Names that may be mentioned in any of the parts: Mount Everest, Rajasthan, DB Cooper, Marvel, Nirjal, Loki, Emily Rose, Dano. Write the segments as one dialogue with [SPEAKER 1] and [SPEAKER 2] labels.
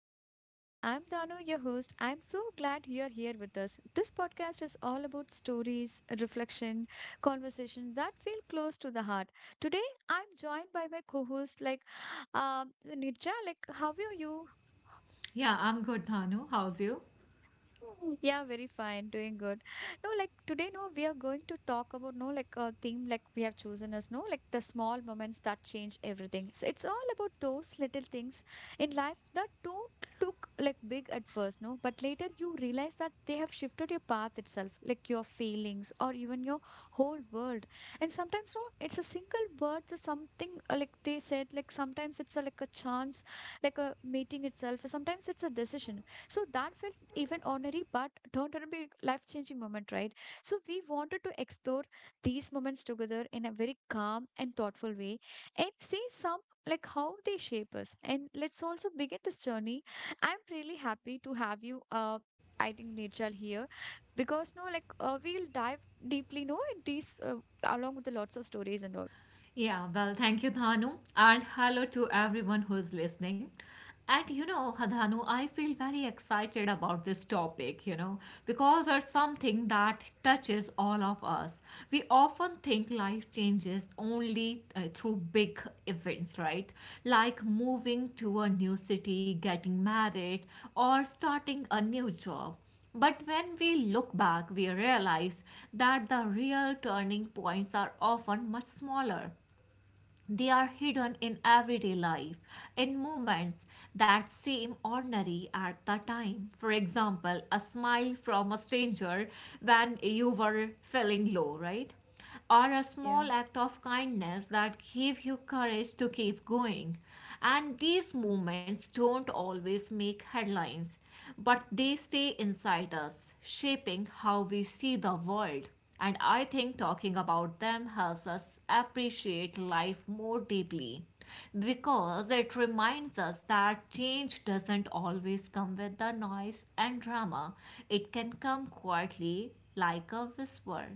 [SPEAKER 1] today's episode. I'm Dano, your host. I'm so glad you're here with us. This podcast is all about stories, reflection, conversations that feel close to the heart. Today, I'm joined by my co-host like Nirja. Like, how are you?
[SPEAKER 2] Yeah, I'm good, Thanu. How's you?
[SPEAKER 1] Yeah, very fine, doing good. No, like today, no, we are going to talk about no, like a theme like we have chosen as no, like the small moments that change everything. So it's all about those little things in life that don't look like big at first, no, but later you realize that they have shifted your path itself, like your feelings or even your whole world. And sometimes, no, it's a single word or something like they said, like sometimes it's a, like a chance, like a meeting itself, or sometimes it's a decision. So that felt even ordinary, but turned out to be life changing moment, right? So we wanted to explore these moments together in a very calm and thoughtful way and see some like how they shape us. And let's also begin this journey. I'm really happy to have you. I think Nirjal here because no, like we'll dive deeply, no, in these along with the lots of stories and all.
[SPEAKER 2] Yeah, well, thank you, Dhanu, and hello to everyone who's listening. And you know, Dhanu, I feel very excited about this topic, you know, because it's something that touches all of us. We often think life changes only through big events, right? Like moving to a new city, getting married, or starting a new job. But when we look back, we realize that the real turning points are often much smaller. They are hidden in everyday life, in moments that seem ordinary at the time. For example, a smile from a stranger when you were feeling low, right? Or a
[SPEAKER 1] Yeah.
[SPEAKER 2] small act of kindness that gave you courage to keep going. And these moments don't always make headlines, but they stay inside us, shaping how we see the world. And I think talking about them helps us appreciate life more deeply because it reminds us that change doesn't always come with the noise and drama, it can come quietly like a whisper.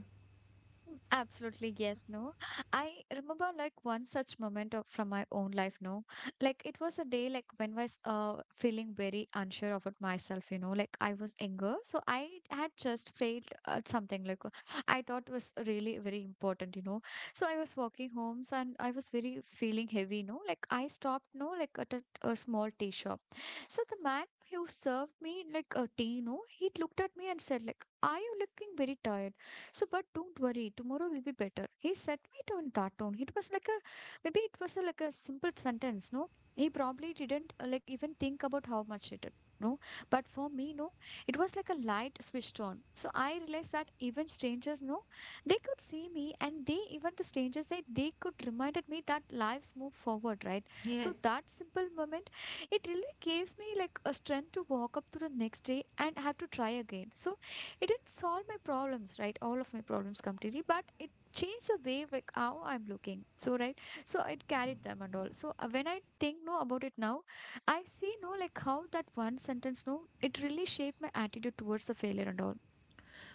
[SPEAKER 1] Absolutely, yes, no. I remember like one such moment of, from my own life, no. Like it was a day like when I was feeling very unsure about myself, you know, like I was younger. So I had just failed at something like I thought was really very important, you know. So I was walking and I was very feeling heavy, no. Like I stopped, no, like at a small tea shop. So the man who served me like a tea, no, he looked at me and said like, are you looking very tired? So, but don't worry, tomorrow will be better. He set me to in that tone. It was like a maybe it was a, like a simple sentence, no? He probably didn't like even think about how much it. No, but for me, no, it was like a light switched on. So I realized that even strangers, no, they could see me, and they even the strangers, they could reminded me that lives move forward, right? So
[SPEAKER 2] Yes.
[SPEAKER 1] that simple moment, it really gives me like a strength to walk up to the next day and have to try again. So it didn't solve my problems right all of my problems completely, but it changed the way like how I'm looking so right. So it carried them and all so when I think no about it now I see no like how that one sentence no it really shaped my attitude towards the failure and all.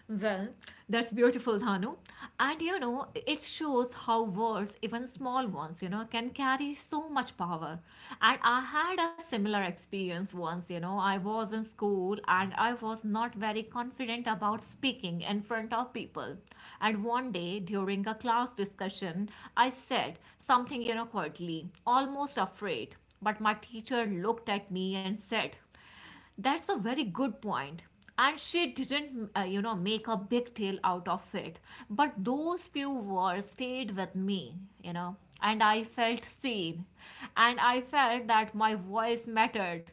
[SPEAKER 2] Well, that's beautiful, Dhanu. And you know, it shows how words, even small ones, you know, can carry so much power. And I had a similar experience once, you know, I was in school and I was not very confident about speaking in front of people. And one day during a class discussion, I said something, you know, quietly, almost afraid. But my teacher looked at me and said, that's a very good point. And she didn't, you know, make a big deal out of it. But those few words stayed with me, you know, and I felt seen. And I felt that my voice mattered.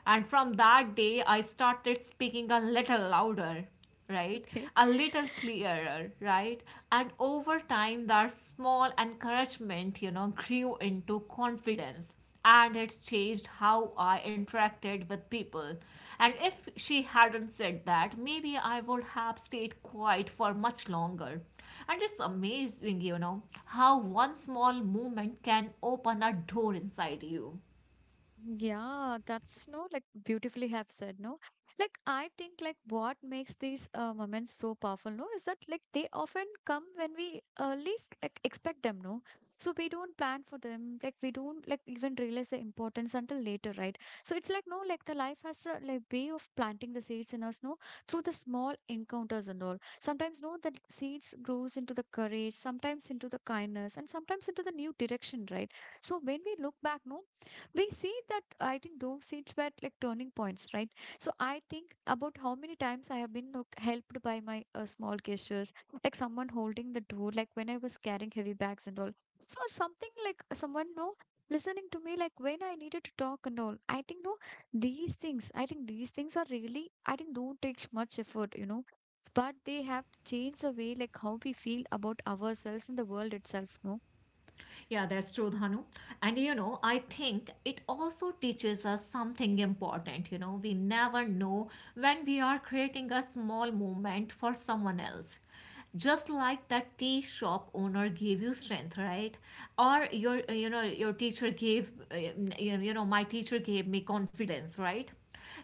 [SPEAKER 2] And from that day, I started speaking a little louder, right?
[SPEAKER 1] Okay.
[SPEAKER 2] A little clearer, right? And over time, that small encouragement, you know, grew into confidence and it changed how I interacted with people. And if she hadn't said that, maybe I would have stayed quiet for much longer. And it's amazing, you know, how one small movement can open a door inside you.
[SPEAKER 1] Yeah, that's no like beautifully have said, no? Like I think like what makes these moments so powerful, no, is that like they often come when we least like expect them, no? So we don't plan for them, like we don't like even realize the importance until later, right? So it's like no, like the life has a like way of planting the seeds in us, no, through the small encounters and all. Sometimes no, the seeds grows into the courage, sometimes into the kindness, and sometimes into the new direction, right? So when we look back, no, we see that I think those seats were like turning points, right? So I think about how many times I have been like, helped by my small gestures, like someone holding the door like when I was carrying heavy bags and all. So or something like someone no listening to me like when I needed to talk and all, I think no these things, I think these things are really I think don't take much effort, you know, but they have changed the way like how we feel about ourselves and the world itself, no.
[SPEAKER 2] Yeah, that's true, Dhanu. And you know, I think it also teaches us something important. You know, we never know when we are creating a small moment for someone else. Just like that tea shop owner gave you strength, right? Or your, you know, your teacher gave, my teacher gave me confidence, right?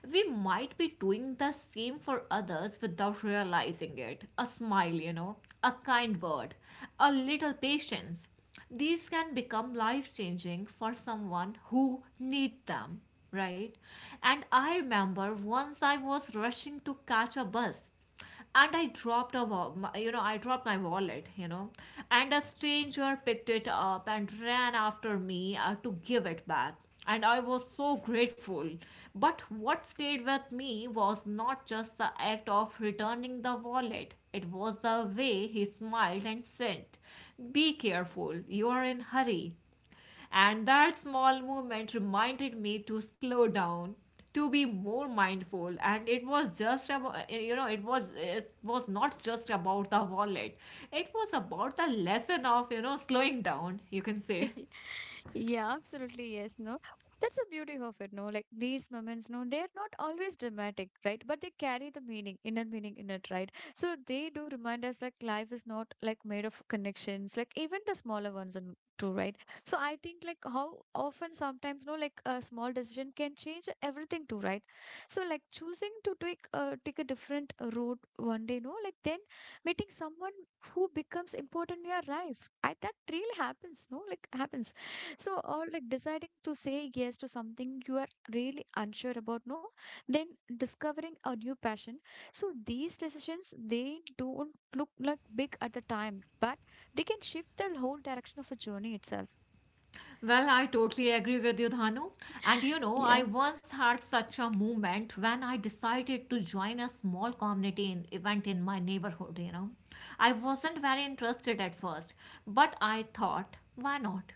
[SPEAKER 2] We might be doing the same for others without realizing it. A smile, you know, a kind word, a little patience, these can become life changing for someone who need them, right? And I remember once I was rushing to catch a bus, and I dropped a wa- my- you know, I dropped my wallet, you know, and a stranger picked it up and ran after me to give it back, and I was so grateful. But what stayed with me was not just the act of returning the wallet, it was the way he smiled and said, be careful, you are in hurry. And that small movement reminded me to slow down, to be more mindful, and it was just about, you know, it was not just about the wallet, it was about the lesson of, you know, slowing down, you can say.
[SPEAKER 1] Yeah, absolutely. Yes, no. That's the beauty of it, no. Like these moments, no, they're not always dramatic, right? But they carry the meaning, inner meaning in it, right? So they do remind us like life is not like made of connections, like even the smaller ones and too, right? So I think like how often sometimes, no, like a small decision can change everything too, right? So like choosing to take a different route one day, no, like then meeting someone who becomes important in your life. I that really happens, no, like happens. So, or like deciding to say yes to something you are really unsure about, no? Then discovering a new passion. So, these decisions, they don't look like big at the time, but they can shift the whole direction of a journey itself.
[SPEAKER 2] Well, I totally agree with you, Dhanu. And you know, I
[SPEAKER 1] Yeah.
[SPEAKER 2] once had such a moment when I decided to join a small community in, event in my neighborhood, you know. I wasn't very interested at first, but I thought, why not?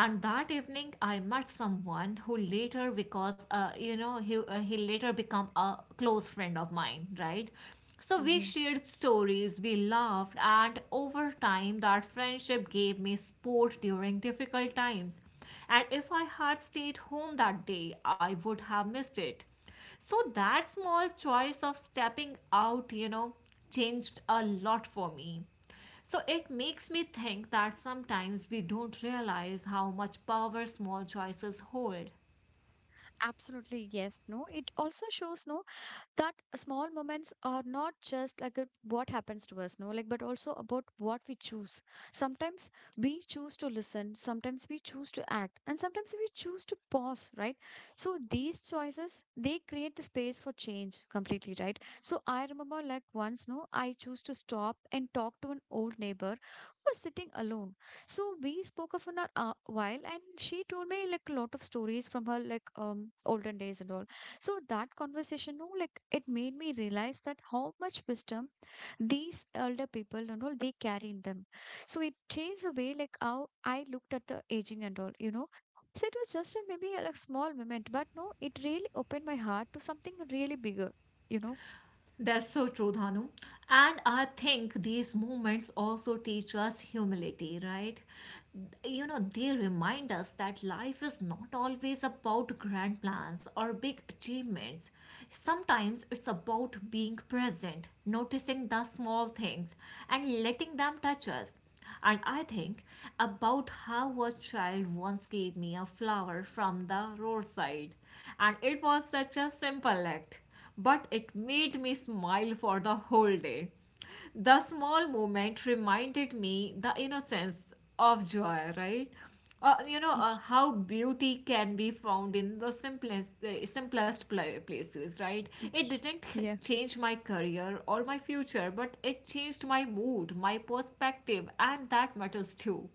[SPEAKER 2] And that evening I met someone who later because you know, he later become a close friend of mine, right? So we
[SPEAKER 1] Yeah.
[SPEAKER 2] shared stories, we laughed, and over time, that friendship gave me support during difficult times. And if I had stayed home that day, I would have missed it. So that small choice of stepping out, you know, changed a lot for me. So it makes me think that sometimes we don't realize how much power small choices hold.
[SPEAKER 1] Absolutely, yes. No, it also shows no that small moments are not just like what happens to us no like but also about what we choose. Sometimes we choose to listen, sometimes we choose to act, and sometimes we choose to pause, right? So these choices, they create the space for change completely, right? So I remember like once no I choose to stop and talk to an old neighbor who was sitting alone. So we spoke of an a while, and she told me like a lot of stories from her like olden days and all. So that conversation, no, like it made me realize that how much wisdom these elder people and all they carry in them. So it changed the way like how I looked at the aging and all, you know. So it was just a, maybe a like, small moment, but no, it really opened my heart to something really bigger, you know.
[SPEAKER 2] That's so true, Dhanu. And I think these movements also teach us humility, right? You know, they remind us that life is not always about grand plans or big achievements. Sometimes it's about being present, noticing the small things, and letting them touch us. And I think about how a child once gave me a flower from the roadside. And it was such a simple act, but it made me smile for the whole day. The small moment reminded me the innocence of joy, right? You know, how beauty can be found in the places, right? It didn't change my career or my future, but it changed my mood, my perspective, and that matters too.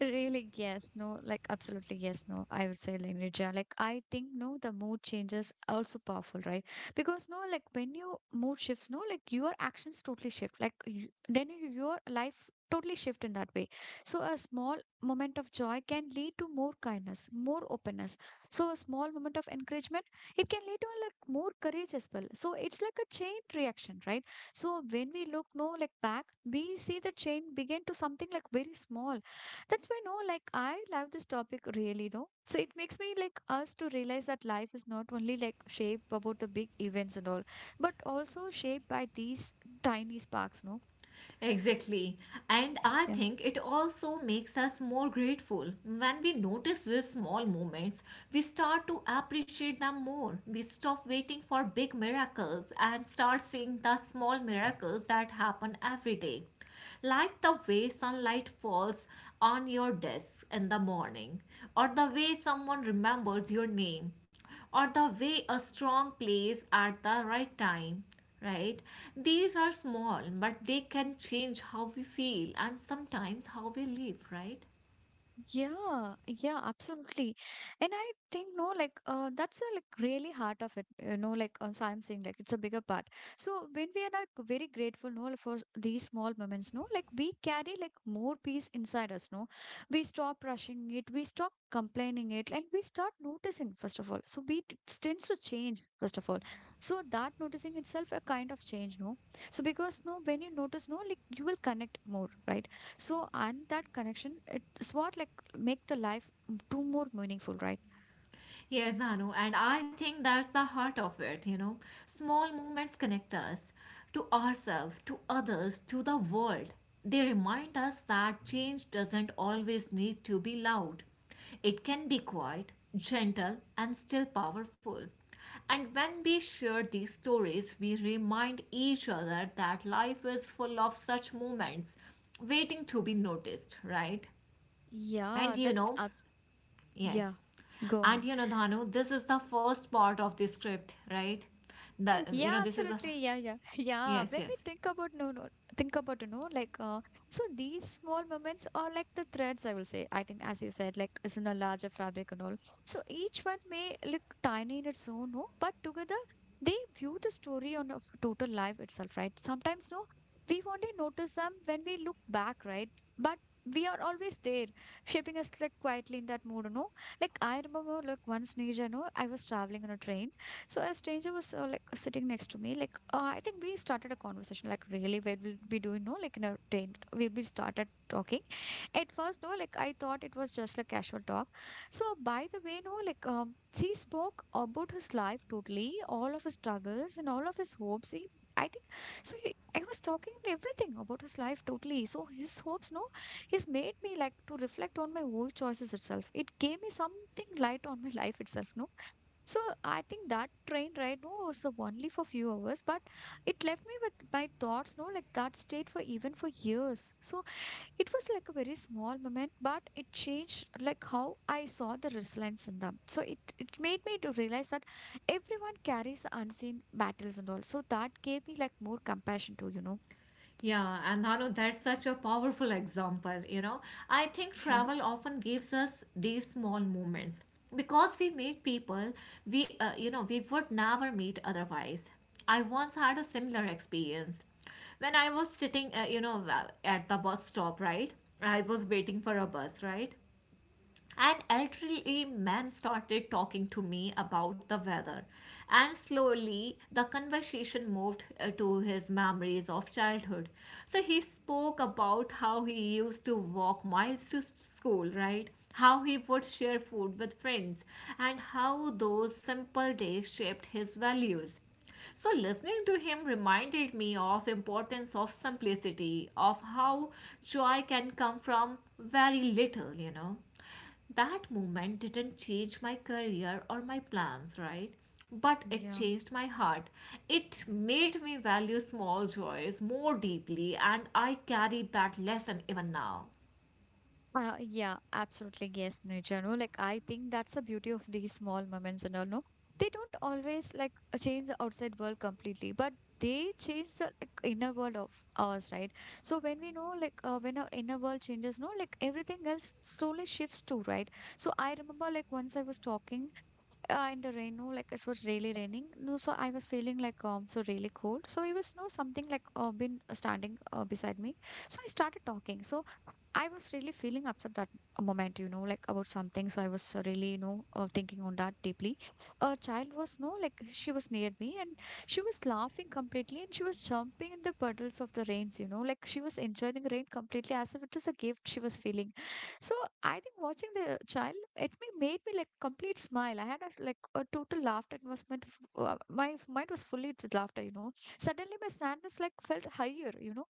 [SPEAKER 1] Really, yes, no, like absolutely, yes, no. I would say like Lineja. Like, I think, no, the mood changes also powerful, right? Because, no, like when your mood shifts, no, like your actions totally shift. Like, then you, your life totally shift in that way. So, a small moment of joy can lead to more kindness, more openness. So, a small moment of encouragement, it can lead to like more courage as well. So, it's like a chain reaction, right? So, when we look, no, like back, we see the chain begin to something like very small. That's why no like I love this topic really no. So it makes me like us to realize that life is not only like shaped about the big events and all but also shaped by these tiny sparks, no.
[SPEAKER 2] Exactly. And I
[SPEAKER 1] Yeah.
[SPEAKER 2] think it also makes us more grateful. When we notice these small moments, we start to appreciate them more. We stop waiting for big miracles and start seeing the small miracles that happen every day. Like the way sunlight falls on your desk in the morning, or the way someone remembers your name, or the way a strong plays at the right time, right? These are small, but they can change how we feel and sometimes how we live, right?
[SPEAKER 1] Yeah, yeah, absolutely. And I think, no, like, that's a, like really heart of it, you know, like, so I'm saying, like, it's a bigger part. So when we are like very grateful, no, like, for these small moments, no, like we carry like more peace inside us, no, we stop rushing it, we stop complaining it, and we start noticing, first of all. So we tends to change, first of all. So that noticing itself a kind of change, no. So because, no, when you notice, no, like you will connect more, right? So and that connection, it's what like make the life too more meaningful, right?
[SPEAKER 2] Yes, Anu, and I think that's the heart of it, you know. Small movements connect us to ourselves, to others, to the world. They remind us that change doesn't always need to be loud. It can be quiet, gentle, and still powerful. And when we share these stories, we remind each other that life is full of such moments waiting to be noticed, right?
[SPEAKER 1] Yeah,
[SPEAKER 2] And you
[SPEAKER 1] that's
[SPEAKER 2] know.
[SPEAKER 1] up.
[SPEAKER 2] Yes.
[SPEAKER 1] Yeah, go
[SPEAKER 2] And
[SPEAKER 1] on.
[SPEAKER 2] you know, Dhanu, this is the first part of the script, right? That you
[SPEAKER 1] Yeah,
[SPEAKER 2] know, this is the,
[SPEAKER 1] absolutely. Yeah, yeah, yeah.
[SPEAKER 2] yes,
[SPEAKER 1] When we
[SPEAKER 2] yes.
[SPEAKER 1] think about no, no, think about you know, like so these small moments are like the threads. I will say. I think, as you said, like it's in a larger fabric and all. So each one may look tiny in its own, no, but together they view the story on a total life itself, right? Sometimes no, we only notice them when we look back, right? But we are always there, shaping us like quietly in that mood, you know. Like I remember, like once, Nija, no, I was traveling on a train. So a stranger was like sitting next to me. Like I think we started a conversation. Like really, what we'll be doing? No, like in a train, we'll be started talking. At first, no, like I thought it was just a casual talk. So by the way, no, like she spoke about his life totally, all of his struggles and all of his hopes. He, I think so. He, I was talking everything about his life totally. So his hopes, no, he's made me like to reflect on my own choices itself. It gave me something light on my life itself, no. So I think that train ride no, was of only for few hours, but it left me with my thoughts, no, like that stayed for even for years. So it was like a very small moment, but it changed like how I saw the resilience in them. So it made me to realize that everyone carries unseen battles and all. So that gave me like more compassion too,
[SPEAKER 2] Yeah, and Dhanu, that's such a powerful example, you know. I think
[SPEAKER 1] Yeah.
[SPEAKER 2] travel often gives us these small moments because we meet people we you know, we would never meet otherwise. I once had a similar experience when I was sitting, you know, at the bus stop, right? I was waiting for a bus, right? An elderly man started talking to me about the weather, and slowly the conversation moved to his memories of childhood. So he spoke about how he used to walk miles to school, right? How he would share food with friends, and how those simple days shaped his values. So listening to him reminded me of importance of simplicity, of how joy can come from very little, you know. That moment didn't change my career or my plans, right? But it
[SPEAKER 1] Yeah.
[SPEAKER 2] changed my heart. It made me value small joys more deeply, and I carry that lesson even now.
[SPEAKER 1] Yeah, absolutely. Yes, nature. No, like I think that's the beauty of these small moments and all. No, they don't always like change the outside world completely, but they change the like, inner world of ours, right? So when we know, like, when our inner world changes, no, like everything else slowly shifts too, right? So I remember, like, once I was talking in the rain, no, like it was really raining. No, so I was feeling like so really cold. So it was no something like been standing beside me. So I started talking. So I was really feeling upset that moment, like about something. So I was really, thinking on that deeply. A child was, no, like she was near me and she was laughing completely and she was jumping in the puddles of the rains, like she was enjoying rain completely as if it was a gift she was feeling. So I think watching the child, it me made me like complete smile. I had a, like a total laughter. It was meant, my mind was fully with laughter, Suddenly my sadness like felt higher,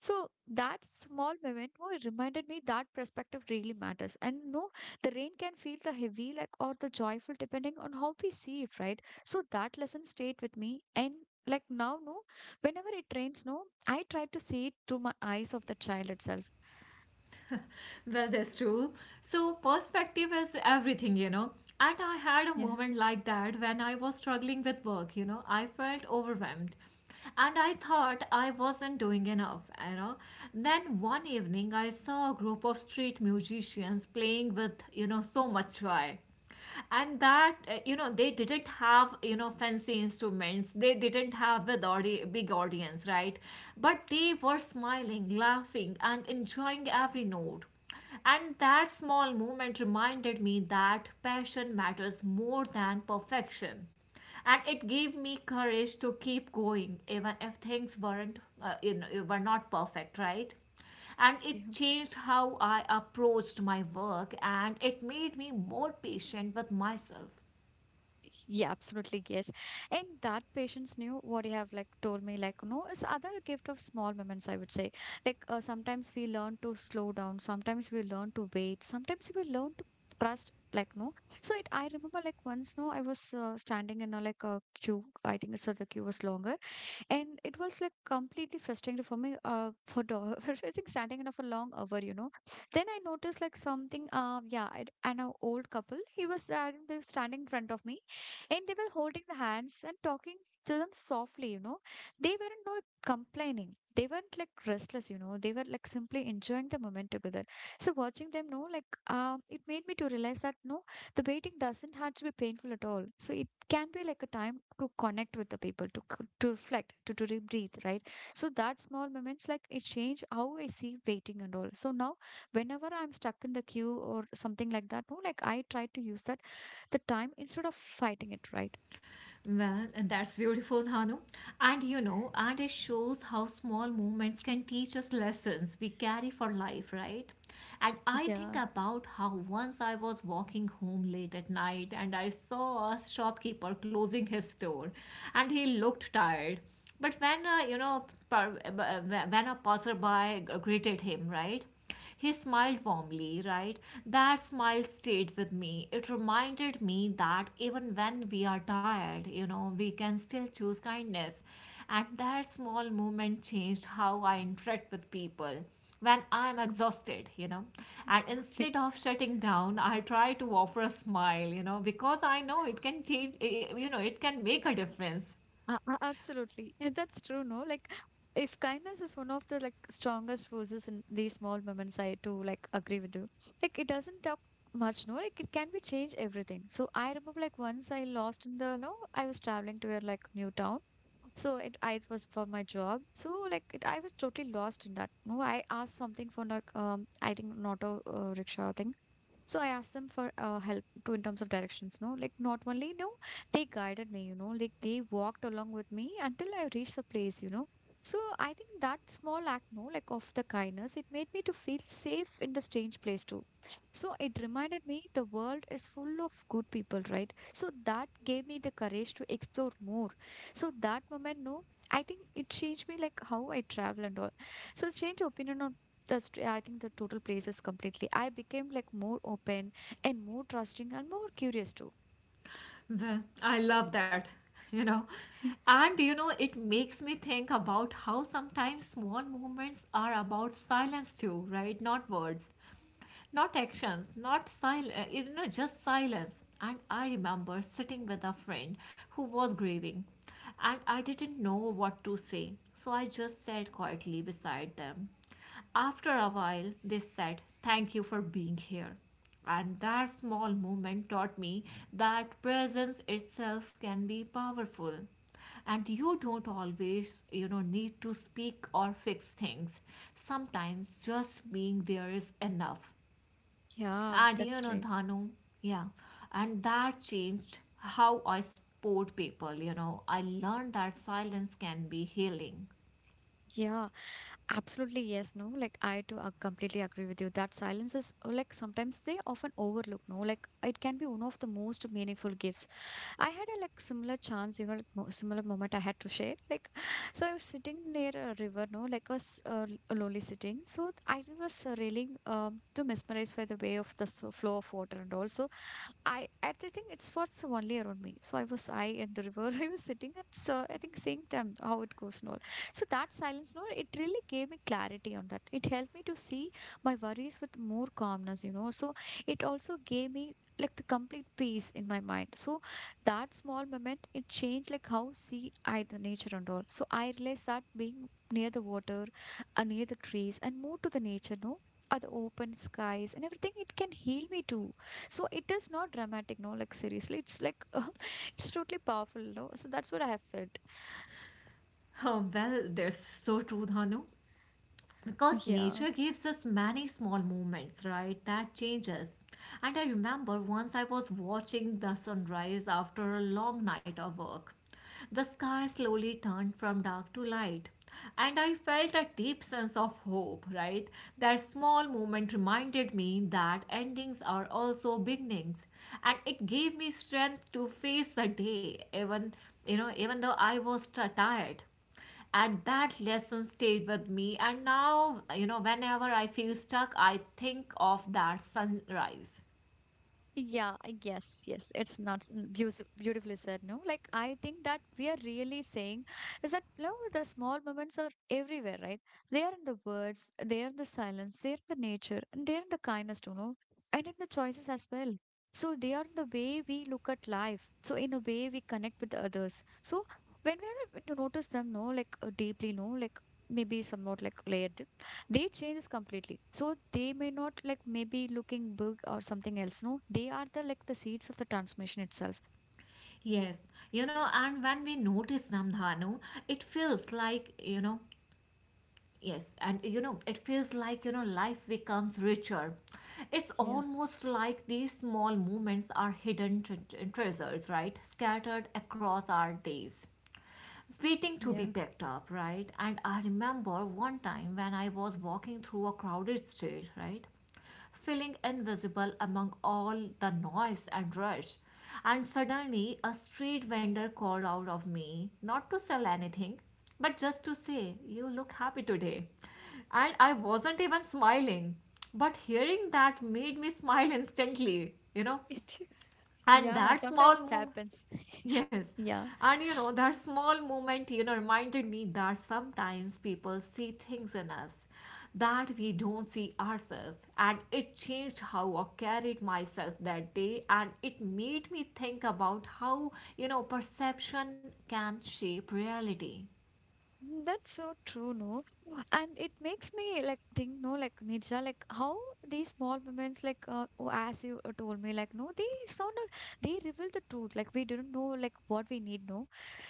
[SPEAKER 1] so that small moment oh, it reminded me that perspective really matters. And no, the rain can feel the heavy, like or the joyful, depending on how we see it, right? So that lesson stayed with me. And like now, no, whenever it rains, no, I try to see it through my eyes of the child itself.
[SPEAKER 2] Well, that's true. So, perspective is everything, you know. And I had a
[SPEAKER 1] Yeah.
[SPEAKER 2] moment like that when I was struggling with work, you know. I felt overwhelmed. And I thought I wasn't doing enough, you know. Then one evening, I saw a group of street musicians playing with, you know, so much joy, and that you know, they didn't have, you know, fancy instruments, they didn't have with big audience, right? But they were smiling, laughing, and enjoying every note, and that small moment reminded me that passion matters more than perfection. And it gave me courage to keep going, even if things weren't, you know, were not perfect, right? And
[SPEAKER 1] Yeah.
[SPEAKER 2] it changed how I approached my work, and it made me more patient with myself.
[SPEAKER 1] Yeah, absolutely, yes. And that patience knew what you have like told me, like, no, it's other gift of small moments, I would say. Like, sometimes we learn to slow down, sometimes we learn to wait, sometimes we learn to trust, like, no. So it, I remember like once, no, I was standing in a like a queue. I think so the queue was longer and it was like completely frustrating for me for the for I think standing in for a long hour then I noticed like something yeah and an old couple he was they were standing in front of me and they were holding the hands and talking to them softly they weren't not complaining they weren't like restless they were like simply enjoying the moment together so watching them no, like it made me to realize that no the waiting doesn't have to be painful at all so it can be like a time to connect with the people to reflect to breathe right so that small moments like it change how I see waiting and all so now whenever I'm stuck in the queue or something like that no like I try to use that the time instead of fighting it right.
[SPEAKER 2] Well, that's beautiful, Dhanu. And you know, and it shows how small moments can teach us lessons we carry for life, right? And I think
[SPEAKER 1] Yeah.
[SPEAKER 2] about how once I was walking home late at night and I saw a shopkeeper closing his store and he looked tired. But when, when a passerby greeted him, right? He smiled
[SPEAKER 1] Yeah.
[SPEAKER 2] warmly, right? That smile stayed with me. It reminded me that even when we are tired, you know, we can still choose kindness. And that small moment changed how I interact with people when I'm exhausted, you know. And
[SPEAKER 1] Okay.
[SPEAKER 2] instead of shutting down, I try to offer a smile, you know, because I know it can you know, it can make a difference.
[SPEAKER 1] Absolutely. And that's true, no? Like, if kindness is one of the like strongest forces in these small moments, I too like agree with you. Like, it doesn't talk much, no? Like, it can be change everything. So I remember like once I lost in the, no, I was traveling to a like new town. So it, I it was for my job. So like it, I was totally lost in that. No, I asked something for like I think an auto rickshaw thing. So I asked them for help to in terms of directions. No, like not only no, they guided me. You know, like they walked along with me until I reached the place. You know, so I think that small act, no, like of the kindness, it made me to feel safe in the strange place too. So it reminded me the world is full of good people, right? So that gave me the courage to explore more so that moment, no, I think it changed me like how I travel and all. So it's changed opinion on that's I think the total places completely. I became like more open and more trusting and more curious too.
[SPEAKER 2] The, I love that, you know. And you know, it makes me think about how sometimes small movements are about silence too, right? Not words, not actions, not silence, you know, just silence. And I remember sitting with a friend who was grieving, and I didn't know what to say, so I just sat quietly beside them. After a while they said, thank you for being here. And that small moment taught me that presence itself can be powerful, and you don't always, you know, need to speak or fix things. Sometimes just being there is enough.
[SPEAKER 1] Yeah,
[SPEAKER 2] And you
[SPEAKER 1] that's
[SPEAKER 2] know,
[SPEAKER 1] right.
[SPEAKER 2] Dhanu, yeah. And that changed how I support people, you know. I learned that silence can be healing.
[SPEAKER 1] Yeah, absolutely. Yes, no, like I too completely agree with you that silence is like sometimes they often overlook, no, like it can be one of the most meaningful gifts. I had a like similar chance, like similar moment I had to share. Like, so I was sitting near a river, no, like a, s- a l- a lonely sitting. So I was really to mesmerized by the way of the so flow of water and also I think it's what's only around me. So I was I in the river. I was sitting and so I think seeing them how it goes and all. So that silence, no, it really gave me clarity on that. It helped me to see my worries with more calmness, So it also gave me like the complete peace in my mind. So that small moment, it changed like how see I the nature and all. So I realized that being near the water, near the trees, and more to the nature, no. Are the open skies and everything, it can heal me too so it is not dramatic, no, like seriously, it's like it's totally powerful, no. So that's what I have felt.
[SPEAKER 2] Well, that's so true, Dhanu. Because
[SPEAKER 1] Yeah.
[SPEAKER 2] nature gives us many small moments, right, that changes. And I remember once I was watching the sunrise after a long night of work. The sky slowly turned from dark to light and I felt a deep sense of hope, right? That small moment reminded me that endings are also beginnings, and it gave me strength to face the day even even though I was tired. And that lesson stayed with me, and now whenever I feel stuck I think of that sunrise.
[SPEAKER 1] Yeah, yes, yes. It's not beautifully said, no? Like, I think that we are really saying is that, no, the small moments are everywhere, right? They are in the words, they are in the silence, they are in the nature, and they are in the kindness, and in the choices as well. So, they are in the way we look at life. So, in a way we connect with others. So, when we are able to notice them, no, like deeply, no, like maybe somewhat like layered they change completely so they may not like maybe looking big or something else no they are the like the seeds of the transformation itself.
[SPEAKER 2] Yes. You know, and when we notice, Namdhanu, it feels like, yes, and it feels like, life becomes richer. It's
[SPEAKER 1] Yeah.
[SPEAKER 2] almost like these small moments are hidden treasures, right, scattered across our days, waiting to be
[SPEAKER 1] Yeah.
[SPEAKER 2] picked up, right? And I remember one time when I was walking through a crowded street, right? Feeling invisible among all the noise and rush. And suddenly a street vendor called out of me, not to sell anything, but just to say, "You look happy today." And I wasn't even smiling. But hearing that made me smile instantly.
[SPEAKER 1] It.
[SPEAKER 2] And
[SPEAKER 1] Yeah,
[SPEAKER 2] that small
[SPEAKER 1] sometimes it happens.
[SPEAKER 2] yes.
[SPEAKER 1] Yeah.
[SPEAKER 2] And, that small moment, reminded me that sometimes people see things in us that we don't see ourselves. And it changed how I carried myself that day. And it made me think about how, perception can shape reality.
[SPEAKER 1] That's so true, no? And it makes me like think, no, like Nisha, like how these small moments, like oh, as you told me, like no, they sound, they reveal the truth. Like we didn't know, like what we need, no.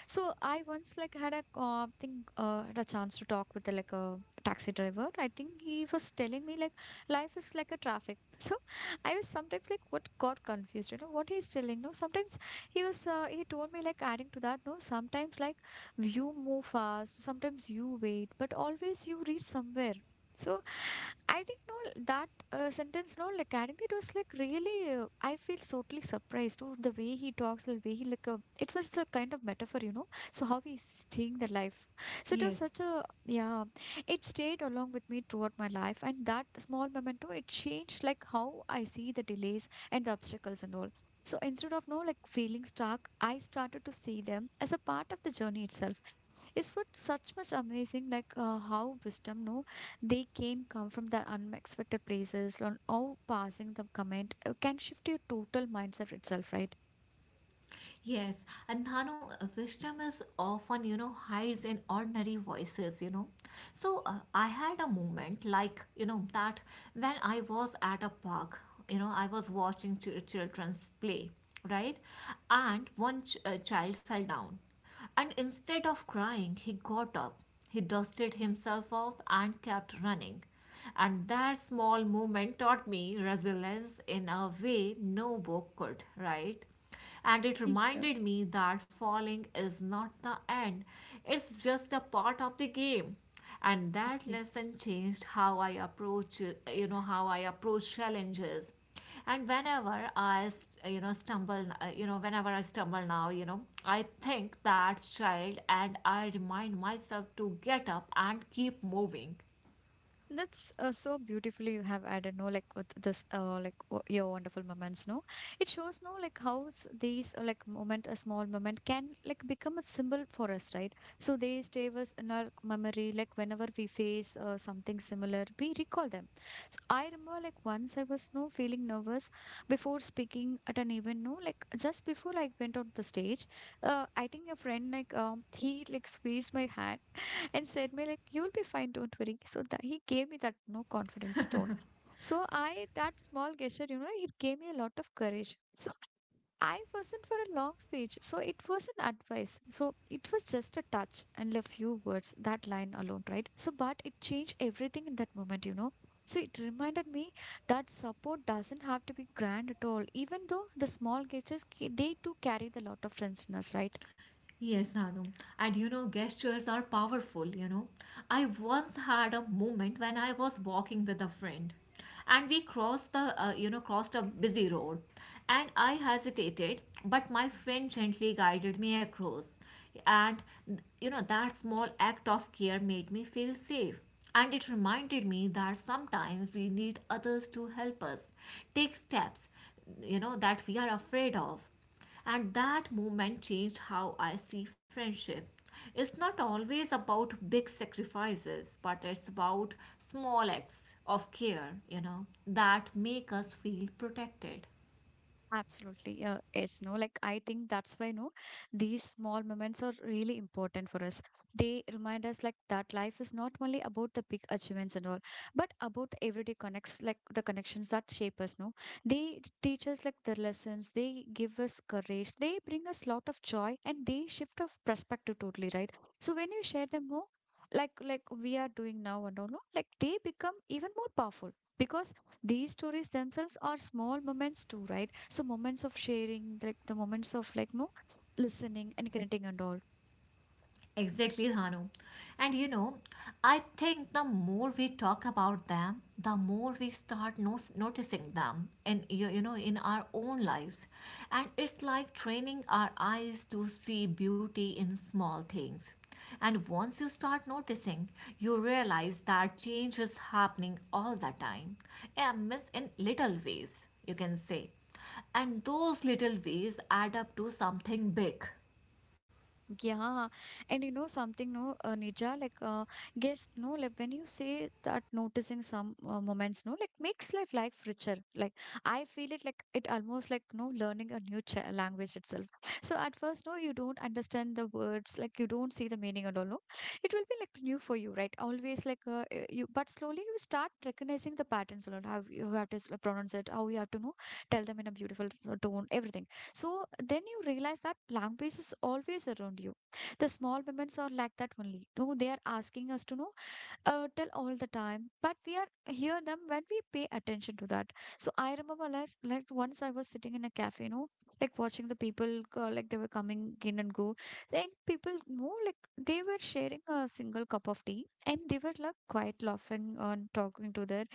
[SPEAKER 1] So I once like had a had a chance to talk with like a taxi driver. I think he was telling me like life is like a traffic. So I was sometimes like what got confused, what he's telling. No, sometimes he told me like adding to that. No, sometimes like you move fast, sometimes you wait, but always you reach somewhere. So I didn't know that sentence, no, like I think it was like really, I feel totally surprised to the way he talks, the way he like, it was the kind of metaphor, so how he's seeing the life. So it was
[SPEAKER 2] Yes.
[SPEAKER 1] such a, yeah, it stayed along with me throughout my life. And that small memento, it changed like how I see the delays and the obstacles and all. So instead of, no, like feeling stuck, I started to see them as a part of the journey itself. It's what such much amazing, like how wisdom, no, they can come from the unexpected places, and how passing the comment can shift your total mindset itself, right?
[SPEAKER 2] Yes, and Dhanu, wisdom is often, hides in ordinary voices, So I had a moment like, that when I was at a park, I was watching children's play, right? And one child fell down, and instead of crying, he got up. He dusted himself off and kept running. And that small moment taught me resilience in a way no book could, right? And it
[SPEAKER 1] Yeah.
[SPEAKER 2] reminded me that falling is not the end, it's just a part of the game. And that
[SPEAKER 1] Yeah.
[SPEAKER 2] lesson changed how I approach, how I approach challenges. And whenever I stumble whenever I stumble now, I think that child and I remind myself to get up and keep moving.
[SPEAKER 1] That's so beautifully you have added, no, like with this, like w your wonderful moments, no. It shows, no, like how these, like moment, a small moment can like become a symbol for us, right? So they stay with us in our memory, like whenever we face something similar, we recall them. So I remember, like once I was, no, feeling nervous before speaking at an event, no, like just before I went on the stage, I think a friend, like he like squeezed my hand and said me like you'll be fine don't worry so that he gave me that no confidence tone so I that small gesture you know it gave me a lot of courage so I wasn't for a long speech so it was an advice so it was just a touch and a few words that line alone right so but it changed everything in that moment you know so it reminded me that support doesn't have to be grand at all even though the small gestures they too carry the lot of friendliness right.
[SPEAKER 2] Yes, Anu. And, gestures are powerful, I once had a moment when I was walking with a friend, and we crossed the crossed a busy road, and I hesitated, but my friend gently guided me across. And, that small act of care made me feel safe. And it reminded me that sometimes we need others to help us take steps, that we are afraid of. And that moment changed how I see friendship. It's not always about big sacrifices, but it's about small acts of care that make us feel protected.
[SPEAKER 1] Absolutely. Yes, no, like I think that's why, no, these small moments are really important for us. They remind us like that life is not only about the big achievements and all, but about the everyday connects, like the connections that shape us, no. They teach us like the lessons, they give us courage, they bring us lot of joy and they shift of perspective totally, right? So when you share them more, like we are doing now and all, no, like they become even more powerful because these stories themselves are small moments too, right? So moments of sharing, like the moments of like no listening and connecting and all.
[SPEAKER 2] Exactly, Dhanu. And, I think the more we talk about them, the more we start noticing them in you, you know in our own lives. And it's like training our eyes to see beauty in small things. And once you start noticing, you realize that change is happening all the time. Yeah, miss in little ways, you can say. And those little ways add up to something big.
[SPEAKER 1] Yeah, and you know something, no, Nija, like, yes, no, like when you say that noticing some moments, no, like makes like life richer. Like I feel it, like it almost like no learning a new ch language itself. So at first, no, you don't understand the words, like you don't see the meaning at all, no. It will be like new for you, right? Always like you, but slowly you start recognizing the patterns a lot. How you have to pronounce it, how you have to know, tell them in a beautiful tone, everything. So then you realize that language is always around you. The small moments are like that only. No, they are asking us to know, tell all the time, but we are hear them when we pay attention to that. So I remember like once I was sitting in a cafe, you know, like watching the people go, like they were coming in and go. Then people know like they were sharing a single cup of tea and they were like quite laughing and talking to their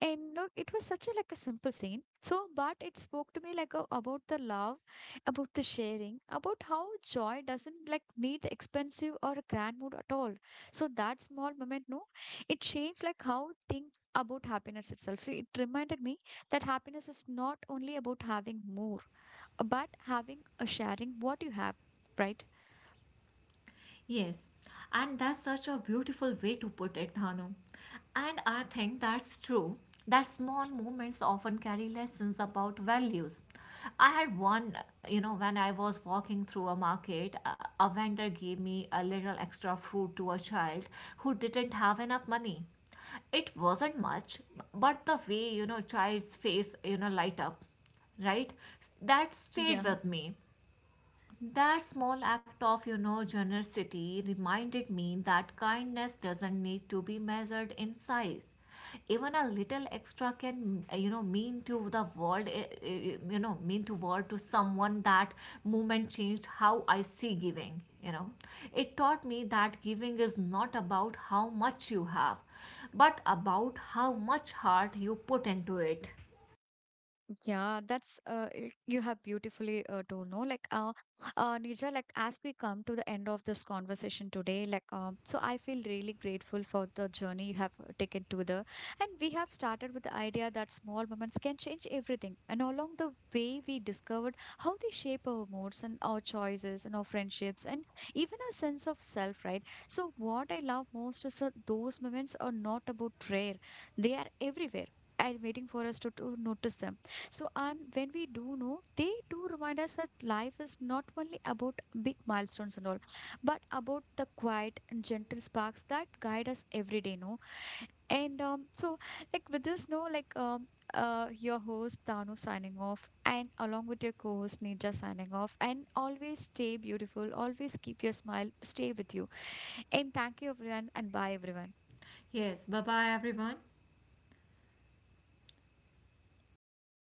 [SPEAKER 1] and look it was such a like a simple scene so but it spoke to me like a, about the love about the sharing about how joy doesn't like need expensive or a grand mood at all so that small moment no it changed like how think about happiness itself. So it reminded me that happiness is not only about having more but having a sharing what you have, right?
[SPEAKER 2] Yes, and that's such a beautiful way to put it, Dhanu. And I think that's true, that small moments often carry lessons about values. I had one, when I was walking through a market, a vendor gave me a little extra fruit to a child who didn't have enough money. It wasn't much, but the way, child's face, light up, right? That stayed
[SPEAKER 1] Yeah.
[SPEAKER 2] with me. That small act of, generosity reminded me that kindness doesn't need to be measured in size. Even a little extra can, mean to the world, mean to world to someone. That moment changed how I see giving. It taught me that giving is not about how much you have, but about how much heart you put into it.
[SPEAKER 1] Yeah, that's you have beautifully told, no? Like, Nija, like as we come to the end of this conversation today, like, so I feel really grateful for the journey you have taken to the, and we have started with the idea that small moments can change everything, and along the way we discovered how they shape our moods and our choices and our friendships and even our sense of self, right? So what I love most is that those moments are not about rare; they are everywhere, and waiting for us to notice them so, and when we do know, they do remind us that life is not only about big milestones and all, but about the quiet and gentle sparks that guide us every day, no? And so, like with this, no, like your host Dano signing off, and along with your co-host Ninja signing off, and always stay beautiful, always keep your smile, stay with you, and thank you everyone, and bye everyone.
[SPEAKER 2] Yes, bye bye everyone.